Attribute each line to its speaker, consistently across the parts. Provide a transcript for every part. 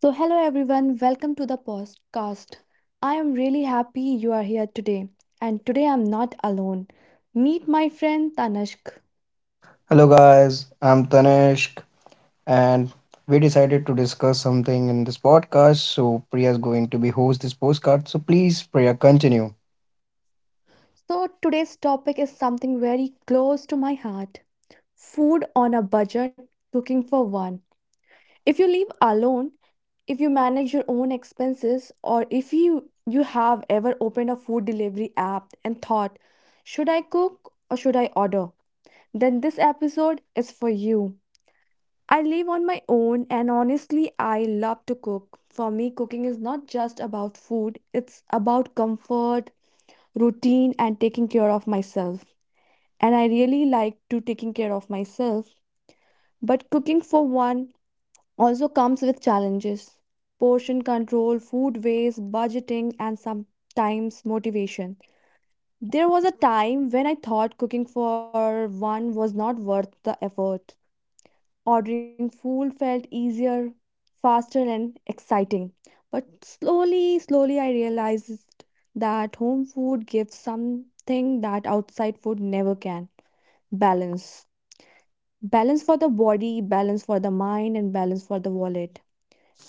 Speaker 1: So, hello everyone, welcome to the podcast. I am really happy you are here today, and today I'm not alone. Meet my friend Tanishk.
Speaker 2: Hello, guys. I'm Tanishk, and we decided to discuss something in this podcast. So, Priya is going to be host this postcard. So, please, Priya, continue.
Speaker 1: So, today's topic is something very close to my heart: food on a budget, cooking for one. If you live alone, if you manage your own expenses, or if you have ever opened a food delivery app and thought, should I cook or should I order? Then this episode is for you. I live on my own and honestly, I love to cook. For me, cooking is not just about food, it's about comfort, routine, and taking care of myself. And I really like to taking care of myself. But cooking for one also comes with challenges. Portion control, food waste, budgeting, and sometimes motivation. There was a time when I thought cooking for one was not worth the effort. Ordering food felt easier, faster, and exciting. But slowly, I realized that home food gives something that outside food never can: balance. Balance for the body, balance for the mind, and balance for the wallet.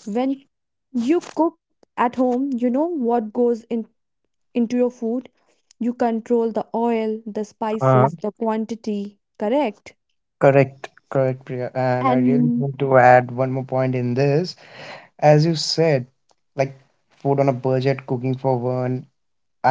Speaker 1: When you cook at home, you know what goes in, into your food. You control the oil, the spices,
Speaker 2: Uh,
Speaker 1: the quantity, correct?
Speaker 2: correct, correct, Priya. And I really
Speaker 1: And
Speaker 2: want to add one more point in this. As you said, like food on a budget, cooking for one,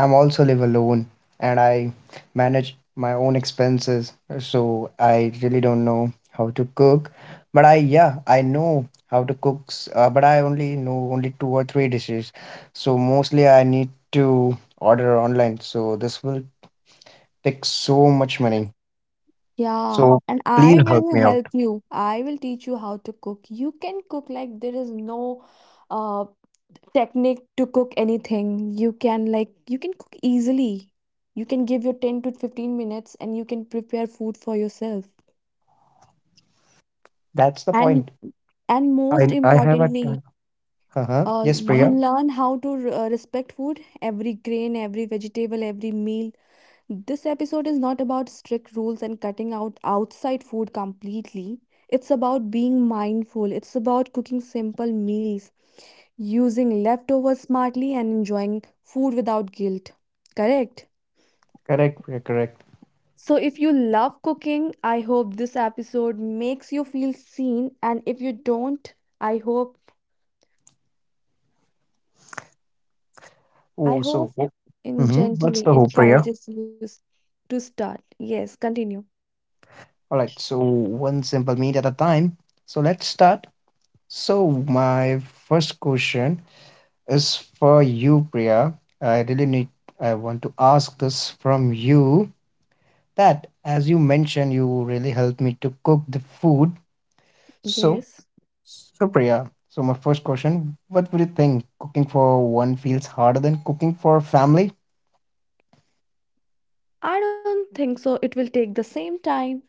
Speaker 2: I'm also live alone and I manage my own expenses, so I really don't know how to cook. But I, yeah, I know how to cook, but I only know only two or three dishes. So mostly I need to order online. So this will take so much money.
Speaker 1: yeah,
Speaker 2: So
Speaker 1: and I
Speaker 2: please
Speaker 1: will
Speaker 2: help me
Speaker 1: help
Speaker 2: out.
Speaker 1: you. I will teach you how to cook. You can cook, like, there is no uh technique to cook anything. You can, like, you can cook easily. You can give your 10 to 15 minutes and you can prepare food for yourself.
Speaker 2: That's the
Speaker 1: And
Speaker 2: point.
Speaker 1: and most
Speaker 2: I have a
Speaker 1: importantly,
Speaker 2: ton. Uh-huh.
Speaker 1: uh
Speaker 2: Yes,
Speaker 1: you
Speaker 2: Priya.
Speaker 1: learn how to respect food, every grain, every vegetable, every meal. This episode is not about strict rules and cutting out outside food completely. It's about being mindful. It's about cooking simple meals, using leftovers smartly, and enjoying food without guilt. Correct?
Speaker 2: Correct, Priya, correct.
Speaker 1: So, if you love cooking, I hope this episode makes you feel seen. And if you don't, I hope, I
Speaker 2: Oh,
Speaker 1: hope,
Speaker 2: so,
Speaker 1: in
Speaker 2: what's
Speaker 1: gently
Speaker 2: the hope, Priya?
Speaker 1: encourages you to start. Yes, continue.
Speaker 2: All right, so one simple meal at a time. So let's start. So my first question is for you, Priya. I really need I want to ask this from you that as you mentioned you really helped me to cook the food. So
Speaker 1: Yes.
Speaker 2: so Priya, so my first question, what would you think cooking for one feels harder than cooking for family?
Speaker 1: I don't think so. It will take the same time.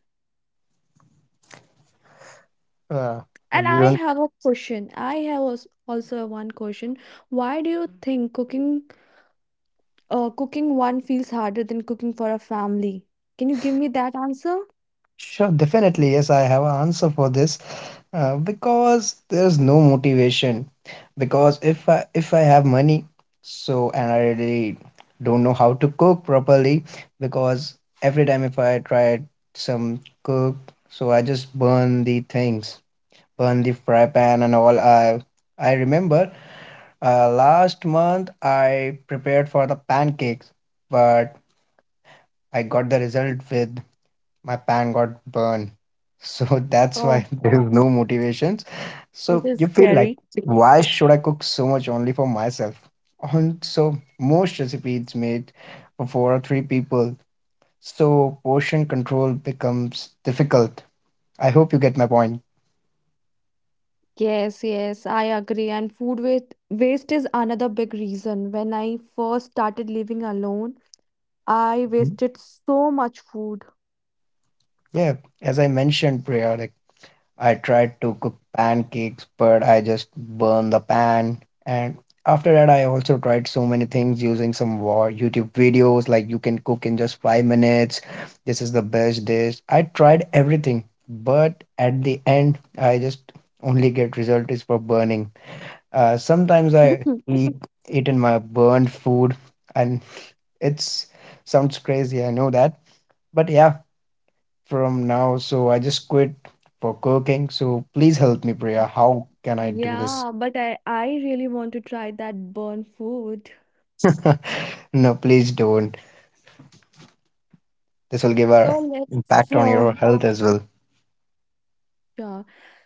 Speaker 2: Uh,
Speaker 1: And
Speaker 2: you
Speaker 1: I
Speaker 2: don't
Speaker 1: have a question. I have also one question. Why do you think cooking cooking one feels harder than cooking for a family? Can you give me that answer?
Speaker 2: Sure, definitely. Yes, I have an answer for this. Because there's no motivation. Because if I have money, so and I really don't know how to cook properly, because every time if I try some cook, so I just burn the things, burn the fry pan and all. I remember last month I prepared for the pancakes, but I got the result with my pan got burned. So that's why
Speaker 1: Oh,
Speaker 2: there's no motivations.
Speaker 1: this
Speaker 2: So
Speaker 1: is
Speaker 2: you feel like,
Speaker 1: scary.
Speaker 2: why should I cook so much only for myself? Also, most recipes made for four or three people. So portion control becomes difficult. I hope you get my point.
Speaker 1: Yes, yes, I agree. And food waste is another big reason. When I first started living alone, I
Speaker 2: Mhm.
Speaker 1: wasted so much food.
Speaker 2: Yeah, as I mentioned, Priya, like I tried to cook pancakes, but I just burned the pan. And after that, I also tried so many things using some war YouTube videos, like you can cook in just 5 minutes. This is the best dish. I tried everything, but at the end, I just only get result is for burning. Sometimes I eat it in my burned food, and it's sounds crazy. I know that, but yeah, from now. So I just quit for cooking. So please help me, Priya. How can I do this?
Speaker 1: Yeah, but I really want to try that burnt food.
Speaker 2: No, please don't. This will give a
Speaker 1: So let's
Speaker 2: impact on
Speaker 1: so
Speaker 2: your health as well.
Speaker 1: yeah.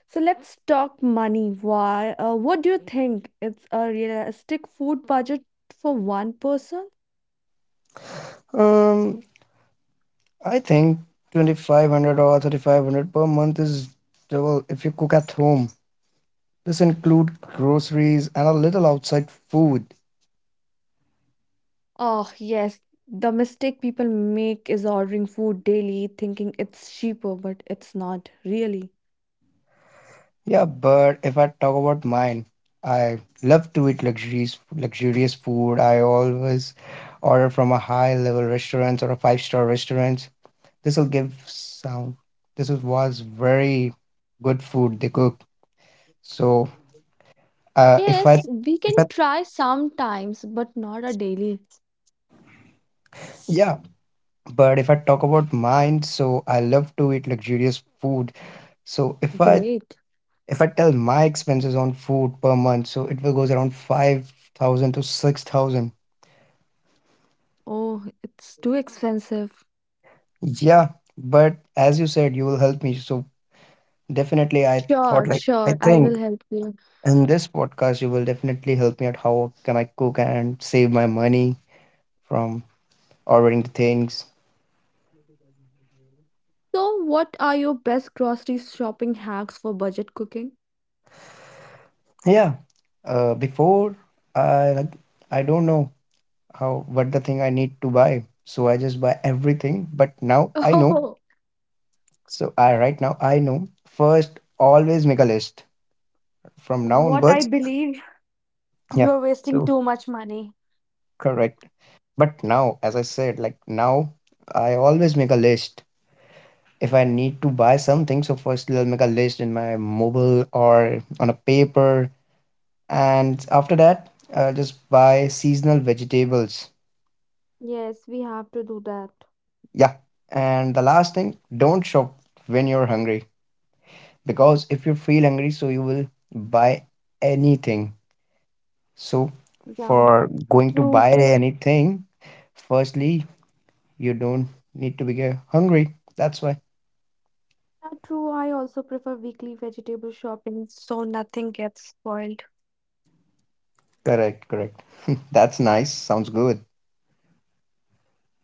Speaker 1: So let's talk money. Why? What do you think? It's a realistic food budget for one person?
Speaker 2: Um, I think 2500 or 3500 per month is double if you cook at home. This include groceries and a little outside food.
Speaker 1: Oh, yes. The mistake people make is ordering food daily, thinking it's cheaper, but it's not really.
Speaker 2: Yeah, but if I talk about mine, I love to eat luxurious food. I always order from a high level restaurants or a five-star restaurants. This will give sound. This was very good food they cook. So uh, if I
Speaker 1: Yes, we
Speaker 2: if
Speaker 1: can
Speaker 2: I
Speaker 1: try sometimes, but not a daily.
Speaker 2: yeah, but if I talk about mine, so I love to eat luxurious food. So if I
Speaker 1: Great.
Speaker 2: if I tell my expenses on food per month, so it will goes around 5,000 to 6,000.
Speaker 1: Oh, it's too expensive.
Speaker 2: Yeah, but as you said, you will help me. So definitely, I
Speaker 1: Sure,
Speaker 2: thought like I
Speaker 1: sure, I will
Speaker 2: think
Speaker 1: help you.
Speaker 2: in this podcast you will definitely help me at how can I cook and save my money from ordering the things.
Speaker 1: So, what are your best grocery shopping hacks for budget cooking?
Speaker 2: Yeah. Before I like I don't know how what the thing I need to buy, so I just buy everything. But now I know.
Speaker 1: Oh,
Speaker 2: So I right now I know. First, always make a list from now
Speaker 1: what I
Speaker 2: onwards.
Speaker 1: believe
Speaker 2: Yeah.
Speaker 1: you're wasting
Speaker 2: So,
Speaker 1: too much money.
Speaker 2: correct. But now, as I said, like now, I always make a list. If I need to buy something, so first I'll make a list in my mobile or on a paper. And after that, I'll just buy seasonal vegetables.
Speaker 1: Yes, we have to do that.
Speaker 2: Yeah. And the last thing, don't shop when you're hungry. Because if you feel hungry, so you will buy anything. So
Speaker 1: Yeah,
Speaker 2: for going to
Speaker 1: true.
Speaker 2: buy anything, firstly, you don't need to be hungry. That's why.
Speaker 1: Yeah, true. I also prefer weekly vegetable shopping so nothing gets spoiled.
Speaker 2: Correct, correct. That's nice. Sounds good.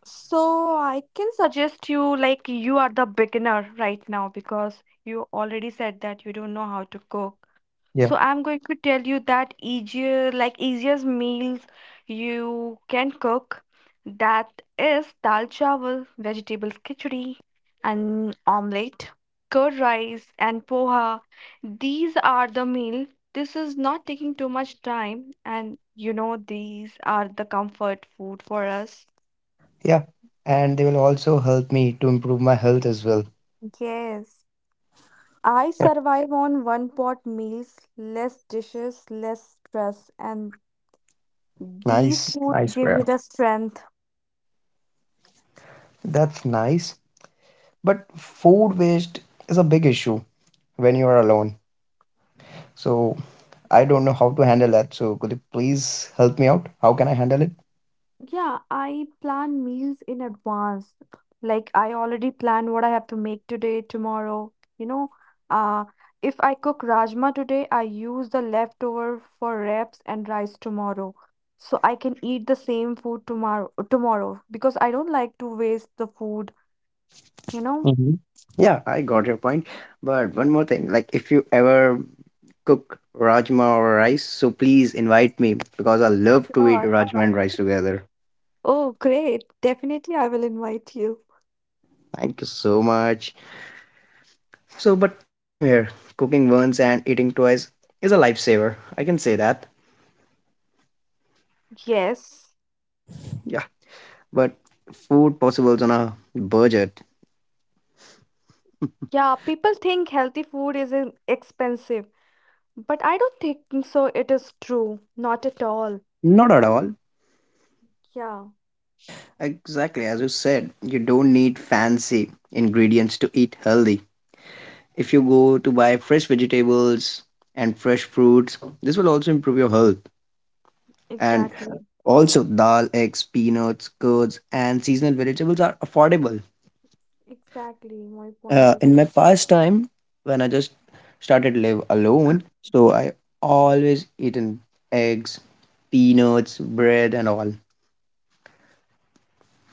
Speaker 1: So I can suggest you, like, you are the beginner right now because you already said that you don't know how to cook.
Speaker 2: Yeah,
Speaker 1: So I'm going to tell you that easier, like, easiest meals you can cook. That is dal chawal, vegetables khichdi, and omelette, curd rice, and poha. These are the meal. This is not taking too much time, and you know these are the comfort food for us.
Speaker 2: yeah. And they will also help me to improve my health as well.
Speaker 1: Yes, I survive on one pot meals, less dishes, less stress, and these
Speaker 2: Nice.
Speaker 1: foods
Speaker 2: Nice,
Speaker 1: give
Speaker 2: bro.
Speaker 1: you the strength.
Speaker 2: That's nice. But food waste is a big issue when you are alone. So I don't know how to handle that. So could you please help me out? How can I handle it?
Speaker 1: Yeah, I plan meals in advance. Like, I already plan what I have to make today, tomorrow. You know, uh, if I cook rajma today, I use the leftover for wraps and rice tomorrow. So I can eat the same food tomorrow because I don't like to waste the food, you know?
Speaker 2: Hmm, yeah, I got your point. But one more thing, like if you ever cook rajma or rice, so please invite me because I love to eat
Speaker 1: Sure.
Speaker 2: rajma and rice together.
Speaker 1: Oh, great. Definitely I will invite you.
Speaker 2: Thank you so much. So, but same here. Cooking once and eating twice is a lifesaver. I can say that.
Speaker 1: Yes.
Speaker 2: Yeah. But food possibles on a budget?
Speaker 1: Yeah, people think healthy food is expensive. But I don't think so it is true. Not at all.
Speaker 2: Not at all.
Speaker 1: Yeah,
Speaker 2: Exactly. As you said, you don't need fancy ingredients to eat healthy. If you go to buy fresh vegetables and fresh fruits, this will also improve your health. And
Speaker 1: exactly.
Speaker 2: also, dal, eggs, peanuts, curds, and seasonal vegetables are affordable.
Speaker 1: Exactly. My point
Speaker 2: Uh,
Speaker 1: is
Speaker 2: in my past time, when I just started live alone, so I always eaten eggs, peanuts, bread, and all.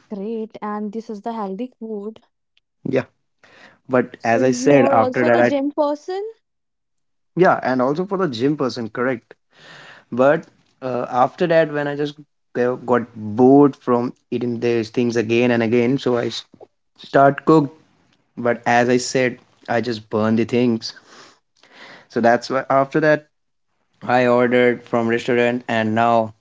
Speaker 1: that. Great, and this is the healthy food.
Speaker 2: Yeah, but
Speaker 1: So
Speaker 2: as I
Speaker 1: you
Speaker 2: said,
Speaker 1: are
Speaker 2: after
Speaker 1: also
Speaker 2: that,
Speaker 1: the
Speaker 2: I
Speaker 1: gym person?
Speaker 2: yeah, and also for the gym person, correct. But after that, when I just got bored from eating these things again and again, so I start cook. But as I said, I just burn the things. So that's why after that, I ordered from restaurant, and now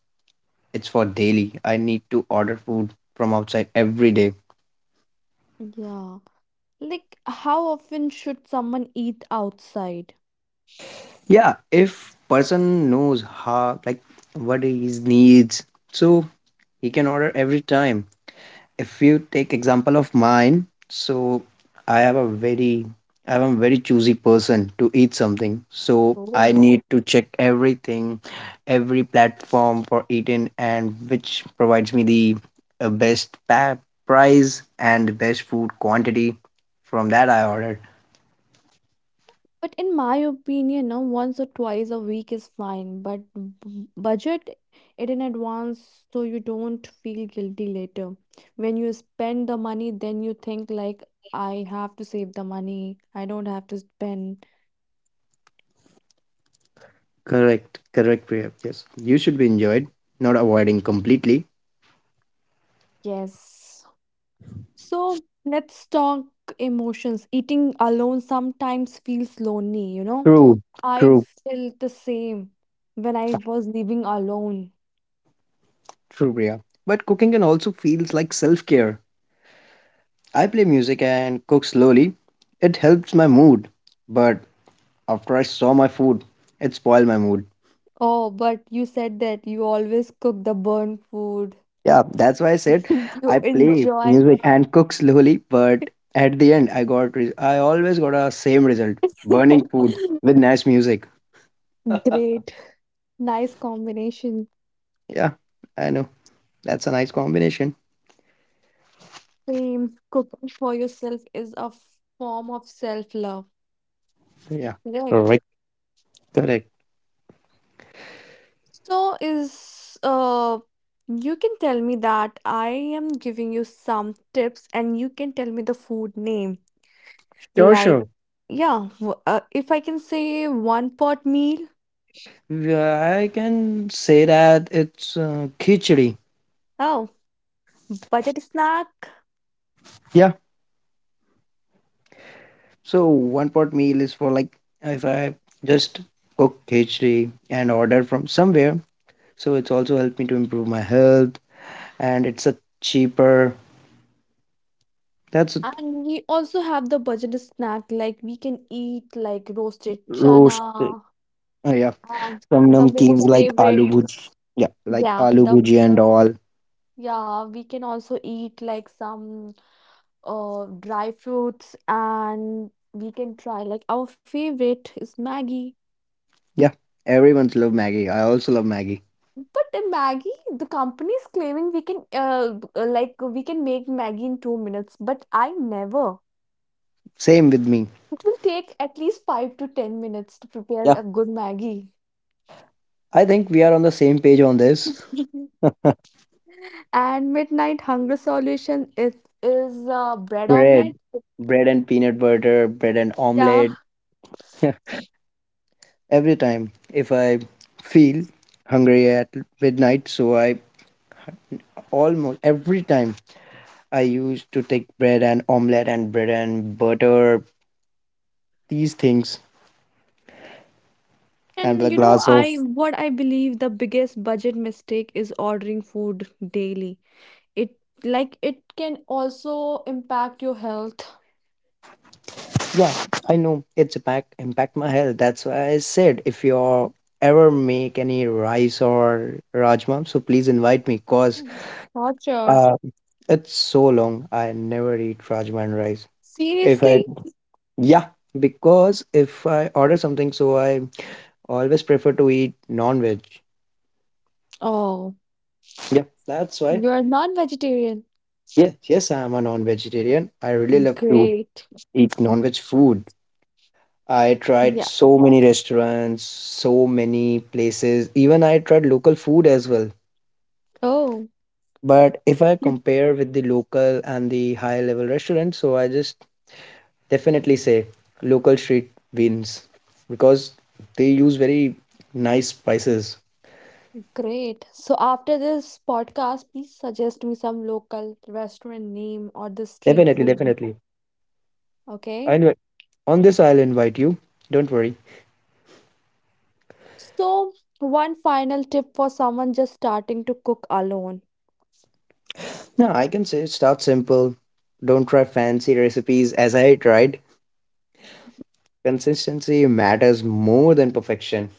Speaker 2: it's for daily. I need to order food from outside every day.
Speaker 1: Yeah. Like, how often should someone eat outside?
Speaker 2: Yeah, if person knows how like what his needs, so he can order every time. If you take example of mine, so I have a very I am a very choosy person to eat something. So I
Speaker 1: Oh.
Speaker 2: need to check everything, every platform for eating and which provides me the best price and best food quantity. From that I order.
Speaker 1: But in my opinion, no, once or twice a week is fine, but budget it in advance so you don't feel guilty later. When you spend the money, then you think like I have to save the money. I don't have to spend.
Speaker 2: Correct, correct, Priya. Yes, you should be enjoyed, not avoiding completely.
Speaker 1: Yes. So let's talk emotions. Eating alone sometimes feels lonely, you know?
Speaker 2: True,
Speaker 1: I
Speaker 2: true.
Speaker 1: felt the same when I was living alone.
Speaker 2: True, Priya. But cooking can also feels like self-care. I play music and cook slowly. It helps my mood. But after I saw my food, it spoiled my mood.
Speaker 1: Oh, but you said that you always cook the burnt food.
Speaker 2: Yeah, that's why I said
Speaker 1: You
Speaker 2: I play
Speaker 1: enjoy.
Speaker 2: music and cook slowly. But at the end, I always got a same result: burning food with nice music.
Speaker 1: Great. Nice combination.
Speaker 2: Yeah, I know that's a nice combination.
Speaker 1: Same. Cooking for yourself is a form of self-love.
Speaker 2: Yeah.
Speaker 1: Correct.
Speaker 2: Correct, correct.
Speaker 1: So is you can tell me that I am giving you some tips and you can tell me the food name.
Speaker 2: Sure,
Speaker 1: Like,
Speaker 2: sure.
Speaker 1: yeah, if I can say one pot meal,
Speaker 2: Yeah, I can say that it's khichdi.
Speaker 1: oh, budget snack.
Speaker 2: Yeah. So one pot meal is for like if I just cook khichdi and order from somewhere. So it's also helped me to improve my health, and it's a cheaper. That's a
Speaker 1: And we also have the budget snack, like we can eat like roasted
Speaker 2: roast.
Speaker 1: chana
Speaker 2: Uh, yeah,
Speaker 1: and
Speaker 2: some
Speaker 1: the
Speaker 2: namkeens
Speaker 1: most
Speaker 2: like aloo
Speaker 1: favorite,
Speaker 2: bhuji. Yeah, like
Speaker 1: yeah,
Speaker 2: aloo
Speaker 1: the
Speaker 2: bhuji and all.
Speaker 1: yeah, we can also eat like some dry fruits and we can try like our favorite is Maggie.
Speaker 2: Yeah, everyone's love Maggie. I also love Maggie.
Speaker 1: But the Maggie, the company is claiming we can like we can make Maggie in 2 minutes, but I never.
Speaker 2: Same with me.
Speaker 1: It will take at least 5 to 10 minutes to prepare
Speaker 2: Yeah,
Speaker 1: a good Maggie.
Speaker 2: I think we are on the same page on this.
Speaker 1: And midnight hunger solution is bread
Speaker 2: Bread,
Speaker 1: omelet,
Speaker 2: bread and peanut butter, bread and
Speaker 1: yeah.
Speaker 2: omelette. Every time if I feel hungry at midnight, so I almost every time I used to take bread and omelette and bread and butter, these things, and
Speaker 1: And
Speaker 2: with a
Speaker 1: you know,
Speaker 2: glass of
Speaker 1: I what I believe the biggest budget mistake is ordering food daily. It, like, it can also impact your health.
Speaker 2: yeah. I know it's impact my health. That's why I said if you ever make any rice or rajma, so please invite me, cause
Speaker 1: Mm. Not sure.
Speaker 2: uh, it's so long I never eat rajma and rice. If I
Speaker 1: Seriously.
Speaker 2: Yeah, because if I order something, so I always prefer to eat non-veg.
Speaker 1: Oh,
Speaker 2: Yeah, that's why.
Speaker 1: you're non-vegetarian.
Speaker 2: Yes, yes, I am a non-vegetarian. I really love to
Speaker 1: Great.
Speaker 2: eat non-veg food. I tried
Speaker 1: Yeah.
Speaker 2: so many restaurants, so many places. Even I tried local food as well.
Speaker 1: Oh,
Speaker 2: But if I
Speaker 1: you-
Speaker 2: compare with the local and the high-level restaurant, so I just definitely say local street wins because they use very nice spices.
Speaker 1: great. So after this podcast, please suggest me some local restaurant name or the street
Speaker 2: Definitely,
Speaker 1: food.
Speaker 2: definitely. I
Speaker 1: Okay.
Speaker 2: know. On this, I'll invite you. Don't worry.
Speaker 1: So, one final tip for someone just starting to cook alone.
Speaker 2: No, I can say start simple. Don't try fancy recipes as I tried. Consistency matters more than perfection.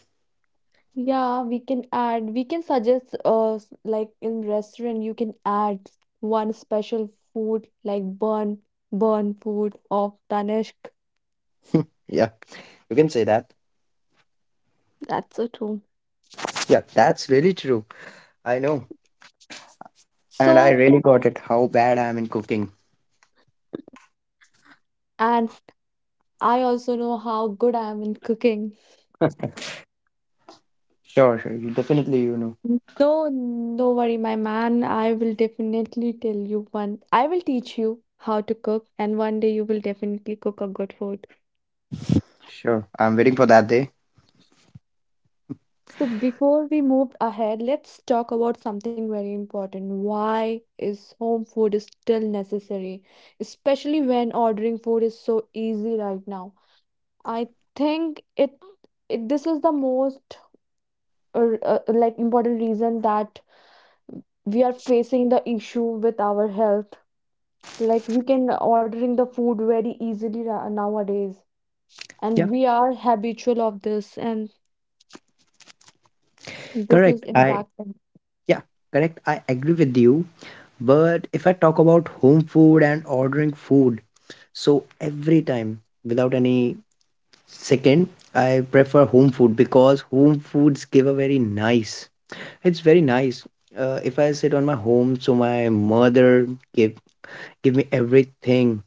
Speaker 1: Yeah, we can add, we can suggest, like in restaurant, you can add one special food like burn food of Tanishq.
Speaker 2: Yeah, you can say that.
Speaker 1: That's so true.
Speaker 2: Yeah, that's really true. I know. And I
Speaker 1: So,
Speaker 2: really got it how bad I'm in cooking.
Speaker 1: and I also know how good I am in cooking.
Speaker 2: Sure, sure. You definitely.
Speaker 1: No, no worry, my man. I will definitely tell you one. I will teach you how to cook, and one day you will definitely cook a good food.
Speaker 2: Sure. I'm waiting for that day.
Speaker 1: So before we move ahead, let's talk about something very important. Why is home food is still necessary, especially when ordering food is so easy right now? I think it, it this is the most like important reason that we are facing the issue with our health. Like, we can ordering the food very easily nowadays,
Speaker 2: Yeah,
Speaker 1: and we are habitual of this, and this is
Speaker 2: correct.
Speaker 1: impacting.
Speaker 2: Yeah, correct, I agree with you. But if I talk about home food and ordering food, so every time without any second, I prefer home food because home foods give a very nice. It's very nice. If I sit on my home, so my mother give give me everything.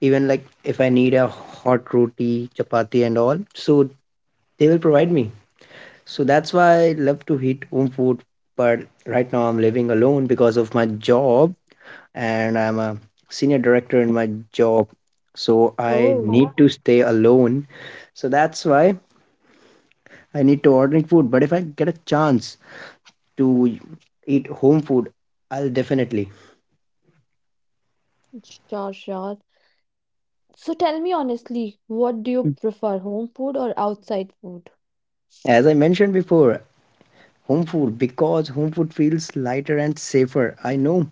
Speaker 2: Even like if I need a hot roti, chapati, and all, so they will provide me. So that's why I love to eat home food. But right now I'm living alone because of my job, and I'm a senior director in my job. So I
Speaker 1: Oh,
Speaker 2: need to stay alone. So that's why I need to ordering food, but if I get a chance to eat home food, I'll definitely.
Speaker 1: sure, sure. So tell me honestly, what do you prefer, home food or outside food?
Speaker 2: As I mentioned before, home food because home food feels lighter and safer. I know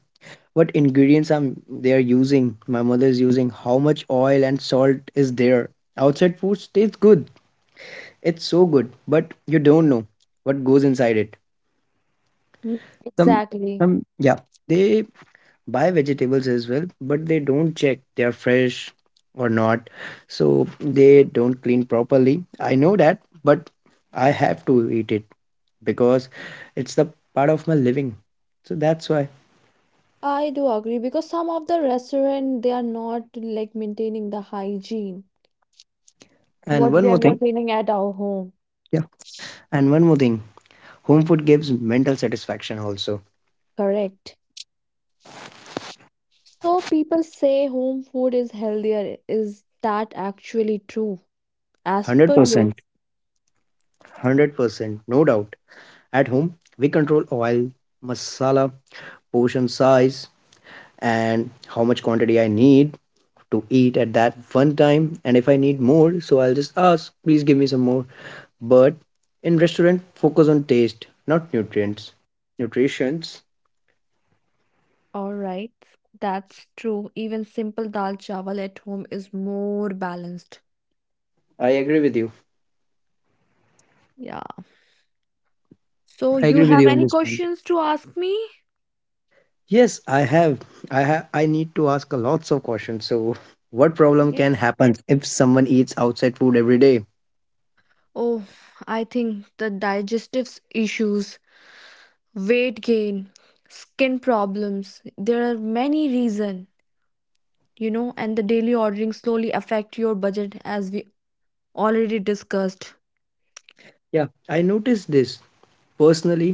Speaker 2: what ingredients I'm they're using, my mother's using, how much oil and salt is there. Outside food tastes good. It's so good, but you don't know what goes inside it.
Speaker 1: Mm.
Speaker 2: Some
Speaker 1: Exactly.
Speaker 2: some yeah, they buy vegetables as well, but they don't check they're fresh or not, so they don't clean properly. I know that, but I have to eat it because it's the part of my living. So that's why.
Speaker 1: I do agree because some of the restaurant they are not like maintaining the hygiene
Speaker 2: And
Speaker 1: what
Speaker 2: one
Speaker 1: we are
Speaker 2: more thing,
Speaker 1: maintaining at our home.
Speaker 2: yeah, and one more thing, home food gives mental satisfaction also.
Speaker 1: Correct. So people say home food is healthier. Is that actually true? As per your,
Speaker 2: 100% 100%, no doubt. At home we control oil, masala, portion size, and how much quantity I need to eat at that one time. And if I need more, so I'll just ask, please give me some more. But in restaurant focus on taste, not nutrients, nutritions.
Speaker 1: all right, that's true. Even simple dal chawal at home is more balanced.
Speaker 2: I agree with you,
Speaker 1: Yeah. So
Speaker 2: I
Speaker 1: you
Speaker 2: agree with
Speaker 1: have
Speaker 2: you on
Speaker 1: any
Speaker 2: this point.
Speaker 1: questions to ask me?
Speaker 2: Yes, I need to ask a lots of questions. So what problem can
Speaker 1: Yes.
Speaker 2: happen if someone eats outside food every day?
Speaker 1: Oh, I think the digestive issues, weight gain, skin problems, there are many reasons, you know, and the daily ordering slowly affect your budget as we already discussed.
Speaker 2: Yeah, I noticed this personally.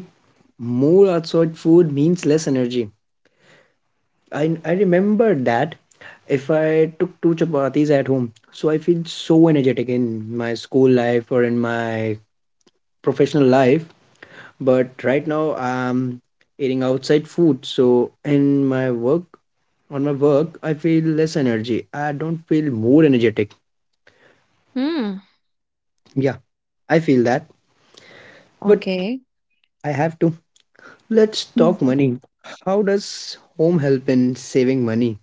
Speaker 2: More outside food means less energy. I remember that if I took two chapatis at home, so I feel so energetic in my school life or in my professional life. But right now I'm eating outside food, so in my work on my work I feel less energy. I don't feel more energetic.
Speaker 1: Hmm.
Speaker 2: Yeah, I feel that, but
Speaker 1: Okay.
Speaker 2: I have to. Let's talk
Speaker 1: Mhm.
Speaker 2: money. How does home help in saving money?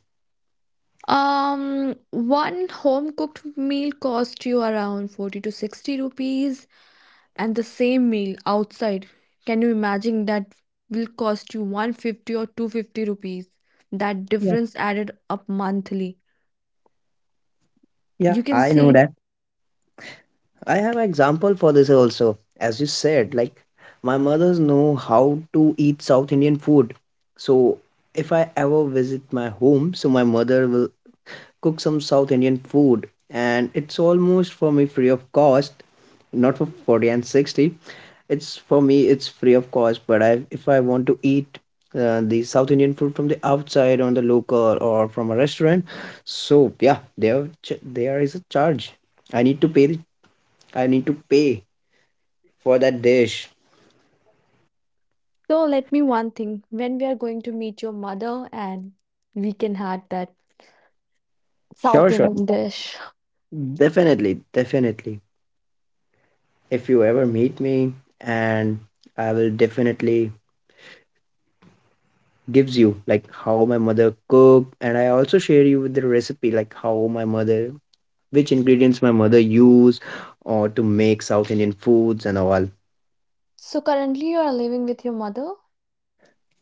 Speaker 1: Um, One home cooked meal cost you around 40 to 60 rupees, and the same meal outside, can you imagine that will cost you 150 or 250 rupees? That
Speaker 2: Yeah,
Speaker 1: difference added up monthly.
Speaker 2: yeah,
Speaker 1: You can
Speaker 2: I know
Speaker 1: see.
Speaker 2: that. I have example for this also. As you said, like my mother's know how to eat South Indian food. So if I ever visit my home, so my mother will cook some South Indian food and it's almost for me free of cost, not for 40 and 60. It's for me it's free of cost, but I if I want to eat the South Indian food from the outside on the local or from a restaurant, so yeah, there is a charge. I need to pay the I need to pay for that dish.
Speaker 1: So let me one thing. When we are going to meet your mother and we can have that
Speaker 2: Sure,
Speaker 1: South
Speaker 2: sure.
Speaker 1: Indian dish.
Speaker 2: Definitely, definitely. If you ever meet me, and I will definitely gives you like how my mother cook, and I also share you with the recipe like how my mother, which ingredients my mother use, or to make South Indian foods and all.
Speaker 1: So currently you are living with your mother?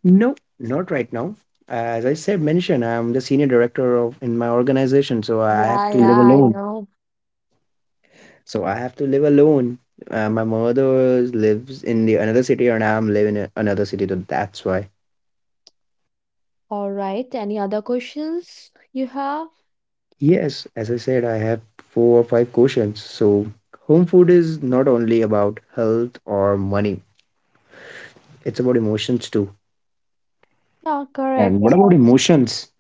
Speaker 2: No, not right now. As I mentioned, I'm the senior director of in my organization, so I have
Speaker 1: Yeah,
Speaker 2: to live
Speaker 1: yeah, I
Speaker 2: alone.
Speaker 1: know.
Speaker 2: So I have to live alone. My mother lives in the another city, and I'm living in another city. So that's why.
Speaker 1: All right. Any other questions you have?
Speaker 2: Yes, as I said, I have four or five questions. So home food is not only about health or money; it's about emotions too.
Speaker 1: Yeah,
Speaker 2: And what
Speaker 1: correct.
Speaker 2: about emotions?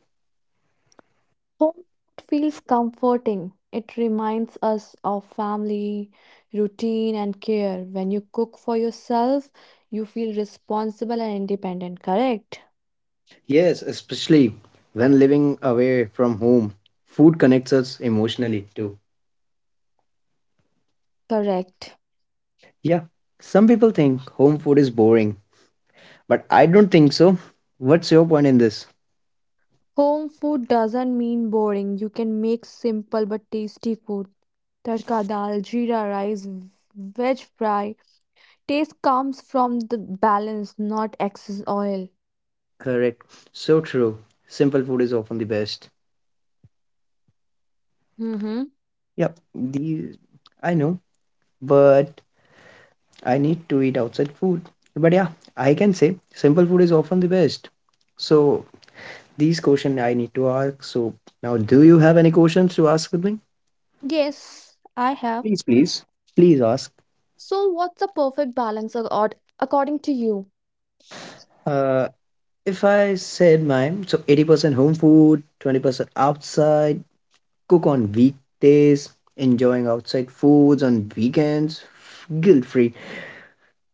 Speaker 1: Home food feels comforting. It reminds us of family, routine, and care. When you cook for yourself, you feel responsible and independent, correct?
Speaker 2: Yes, especially when living away from home, food connects us emotionally too.
Speaker 1: Correct.
Speaker 2: Yeah, some people think home food is boring, but I don't think so. What's your point in this?
Speaker 1: Home food doesn't mean boring. You can make simple but tasty food. Tadka dal, jeera rice, veg fry. Taste comes from the balance, not excess oil.
Speaker 2: Correct. So true. Simple food is often the best.
Speaker 1: Mm-hmm.
Speaker 2: Yep. The I know, but I need to eat outside food. But yeah, I can say simple food is often the best. So these question I need to ask. So now, do you have any questions to ask with me?
Speaker 1: Yes, I have.
Speaker 2: Please, please. Please ask.
Speaker 1: So, what's the perfect balance according to you?
Speaker 2: Uh, if I said mine, so 80% home food, 20% outside, cook on weekdays, enjoying outside foods on weekends, guilt free.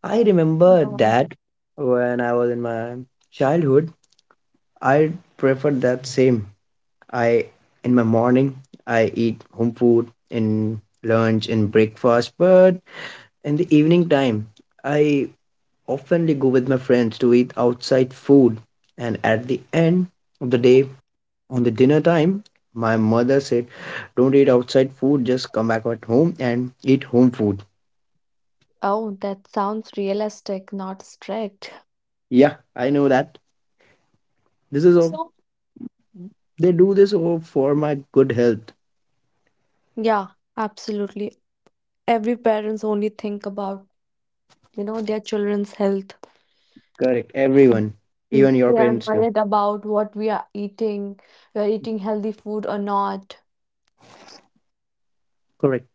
Speaker 2: I remember
Speaker 1: Uh,
Speaker 2: that when I was in my childhood, I preferred that same. I in my morning I eat home food in lunch and breakfast, but in the evening time I oftenly go with my friends to eat outside food. And at the end of the day, on the dinner time, my mother said, "Don't eat outside food. Just come back at home and eat home food."
Speaker 1: oh, that sounds realistic, not strict.
Speaker 2: Yeah, I know that. This is all
Speaker 1: So,
Speaker 2: They do this all for my good health.
Speaker 1: yeah, absolutely. Every parents only think about, you know, their children's health.
Speaker 2: Correct. Everyone,
Speaker 1: Mm.
Speaker 2: even your
Speaker 1: They are
Speaker 2: parents do.
Speaker 1: worried about what we are eating healthy food or not.
Speaker 2: Correct.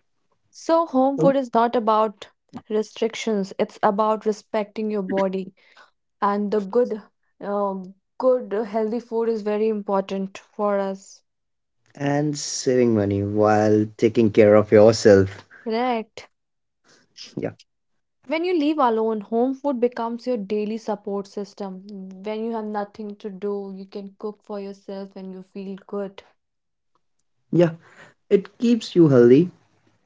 Speaker 1: So, home
Speaker 2: So-
Speaker 1: food is not about restrictions, it's about respecting your body. And the good good healthy food is very important for us,
Speaker 2: And saving money while taking care of yourself.
Speaker 1: correct?
Speaker 2: Yeah.
Speaker 1: When you live alone, home food becomes your daily support system. When you have nothing to do, you can cook for yourself and you feel good.
Speaker 2: Yeah. It keeps you healthy,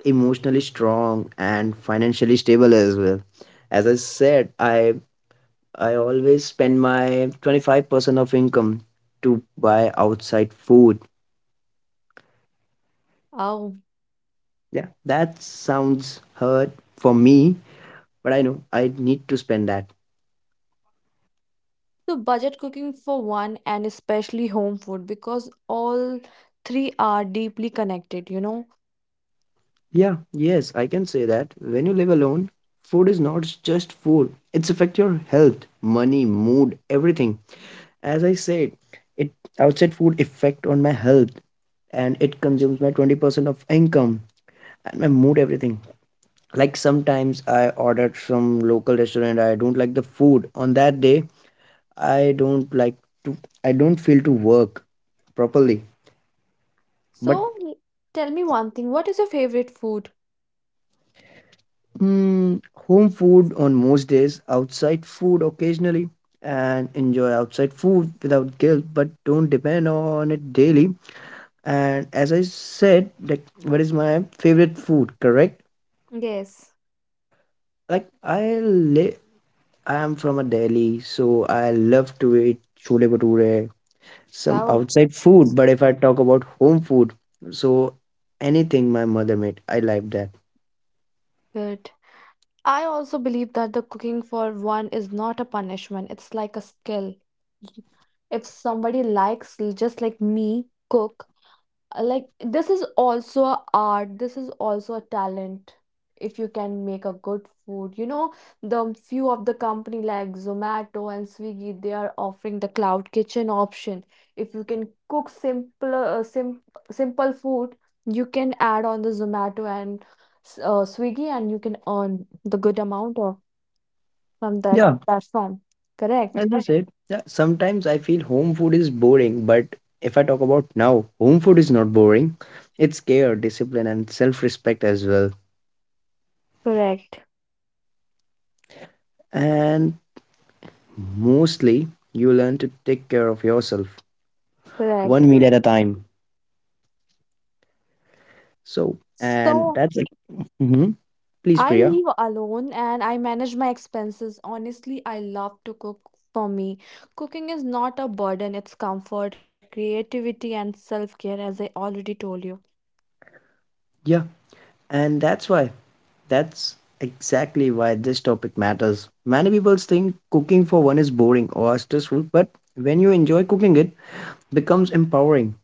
Speaker 2: emotionally strong, and financially stable as well. As I said, I always spend my 25% of income to buy outside food.
Speaker 1: Oh,
Speaker 2: Yeah. That sounds hard for me, but I know I need to spend that.
Speaker 1: so budget cooking for one and especially home food, because all three are deeply connected, you know?
Speaker 2: Yeah, yes, I can say that. When you live alone, food is not just food. It's affect your health, money, mood, everything. As I said, it outside food effect on my health and it consumes my 20% of income and my mood everything. Like sometimes I ordered from local restaurant, I don't like the food. On that day, I don't like to I don't feel to work properly. But
Speaker 1: So tell me one thing, what is your favorite food?
Speaker 2: Mm, home food on most days, outside food occasionally, and enjoy outside food without guilt, but don't depend on it daily. And as I said, like, what is my favorite food, correct?
Speaker 1: Yes.
Speaker 2: Like, I am from a Delhi, so I love to eat chole bhature, some
Speaker 1: Oh,
Speaker 2: outside food. But if I talk about home food, so anything my mother made, I like that.
Speaker 1: good. I also believe that the cooking for one is not a punishment, it's like a skill. If somebody likes, just like me, cook. Like, this is also a art, this is also a talent. If you can make a good food, you know, the few of the company like Zomato and Swiggy, they are offering the cloud kitchen option. If you can cook simple simple food, you can add on the Zomato and Swiggy and you can earn the good amount of from that
Speaker 2: Yeah.
Speaker 1: platform. Correct,
Speaker 2: As I said, yeah, sometimes I feel home food is boring, but if I talk about now, home food is not boring. It's care, discipline, and self respect as well.
Speaker 1: correct,
Speaker 2: And mostly, you learn to take care of yourself
Speaker 1: correct.
Speaker 2: one meal at a time. So, and
Speaker 1: So
Speaker 2: that's like, hmm please,
Speaker 1: I
Speaker 2: Priya.
Speaker 1: live alone and I manage my expenses. Honestly, I love to cook. For me, cooking is not a burden, it's comfort, creativity, and self care, as I already told you.
Speaker 2: Yeah. And that's why, that's exactly why this topic matters. Many people think cooking for one is boring or stressful, but when you enjoy cooking, it becomes empowering.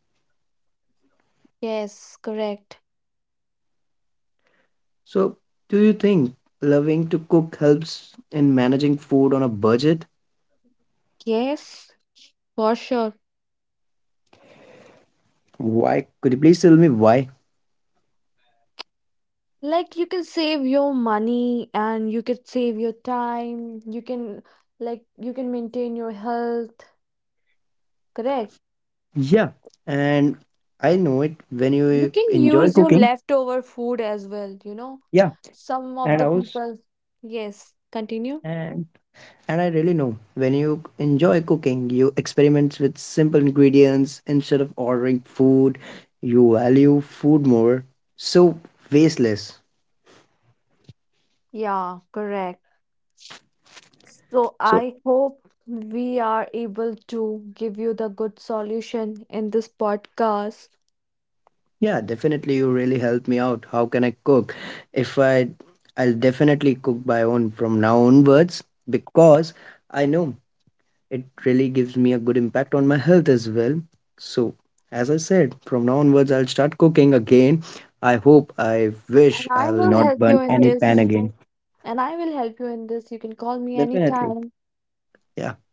Speaker 1: Yes, correct.
Speaker 2: So, do you think loving to cook helps in managing food on a budget?
Speaker 1: Yes, for sure.
Speaker 2: Why? Could you please tell me why?
Speaker 1: Like, you can save your money and you can save your time. You can, like, you can maintain your health. Correct.
Speaker 2: Yeah, and I know it when
Speaker 1: You
Speaker 2: you
Speaker 1: can
Speaker 2: enjoy
Speaker 1: use your
Speaker 2: cooking.
Speaker 1: leftover food as well, you know.
Speaker 2: Yeah,
Speaker 1: Some of
Speaker 2: and
Speaker 1: the
Speaker 2: I was
Speaker 1: people. Yes, continue.
Speaker 2: and and I really know when you enjoy cooking, you experiment with simple ingredients instead of ordering food. You value food more, so waste less.
Speaker 1: Yeah, correct. So I
Speaker 2: So,
Speaker 1: hope we are able to give you the good solution in this podcast.
Speaker 2: yeah, definitely you really helped me out. How can I cook? If I'll definitely cook by own from now onwards because I know it really gives me a good impact on my health as well. So, as I said, from now onwards I'll start cooking again. I
Speaker 1: And
Speaker 2: wish
Speaker 1: I
Speaker 2: I will
Speaker 1: will
Speaker 2: not
Speaker 1: help you
Speaker 2: burn
Speaker 1: in
Speaker 2: any pan
Speaker 1: this.
Speaker 2: again.
Speaker 1: And I will help you in this. You can call me
Speaker 2: Definitely.
Speaker 1: anytime.
Speaker 2: Yeah,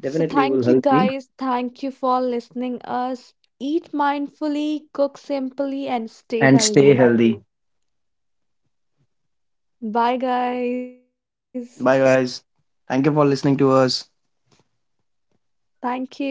Speaker 1: So
Speaker 2: definitely you
Speaker 1: thank
Speaker 2: will
Speaker 1: you
Speaker 2: help me
Speaker 1: guys. Thank you for listening us. Eat mindfully, cook simply, and stay
Speaker 2: and
Speaker 1: healthy.
Speaker 2: stay healthy.
Speaker 1: Bye guys.
Speaker 2: Bye guys. Thank you for listening to us.
Speaker 1: Thank you.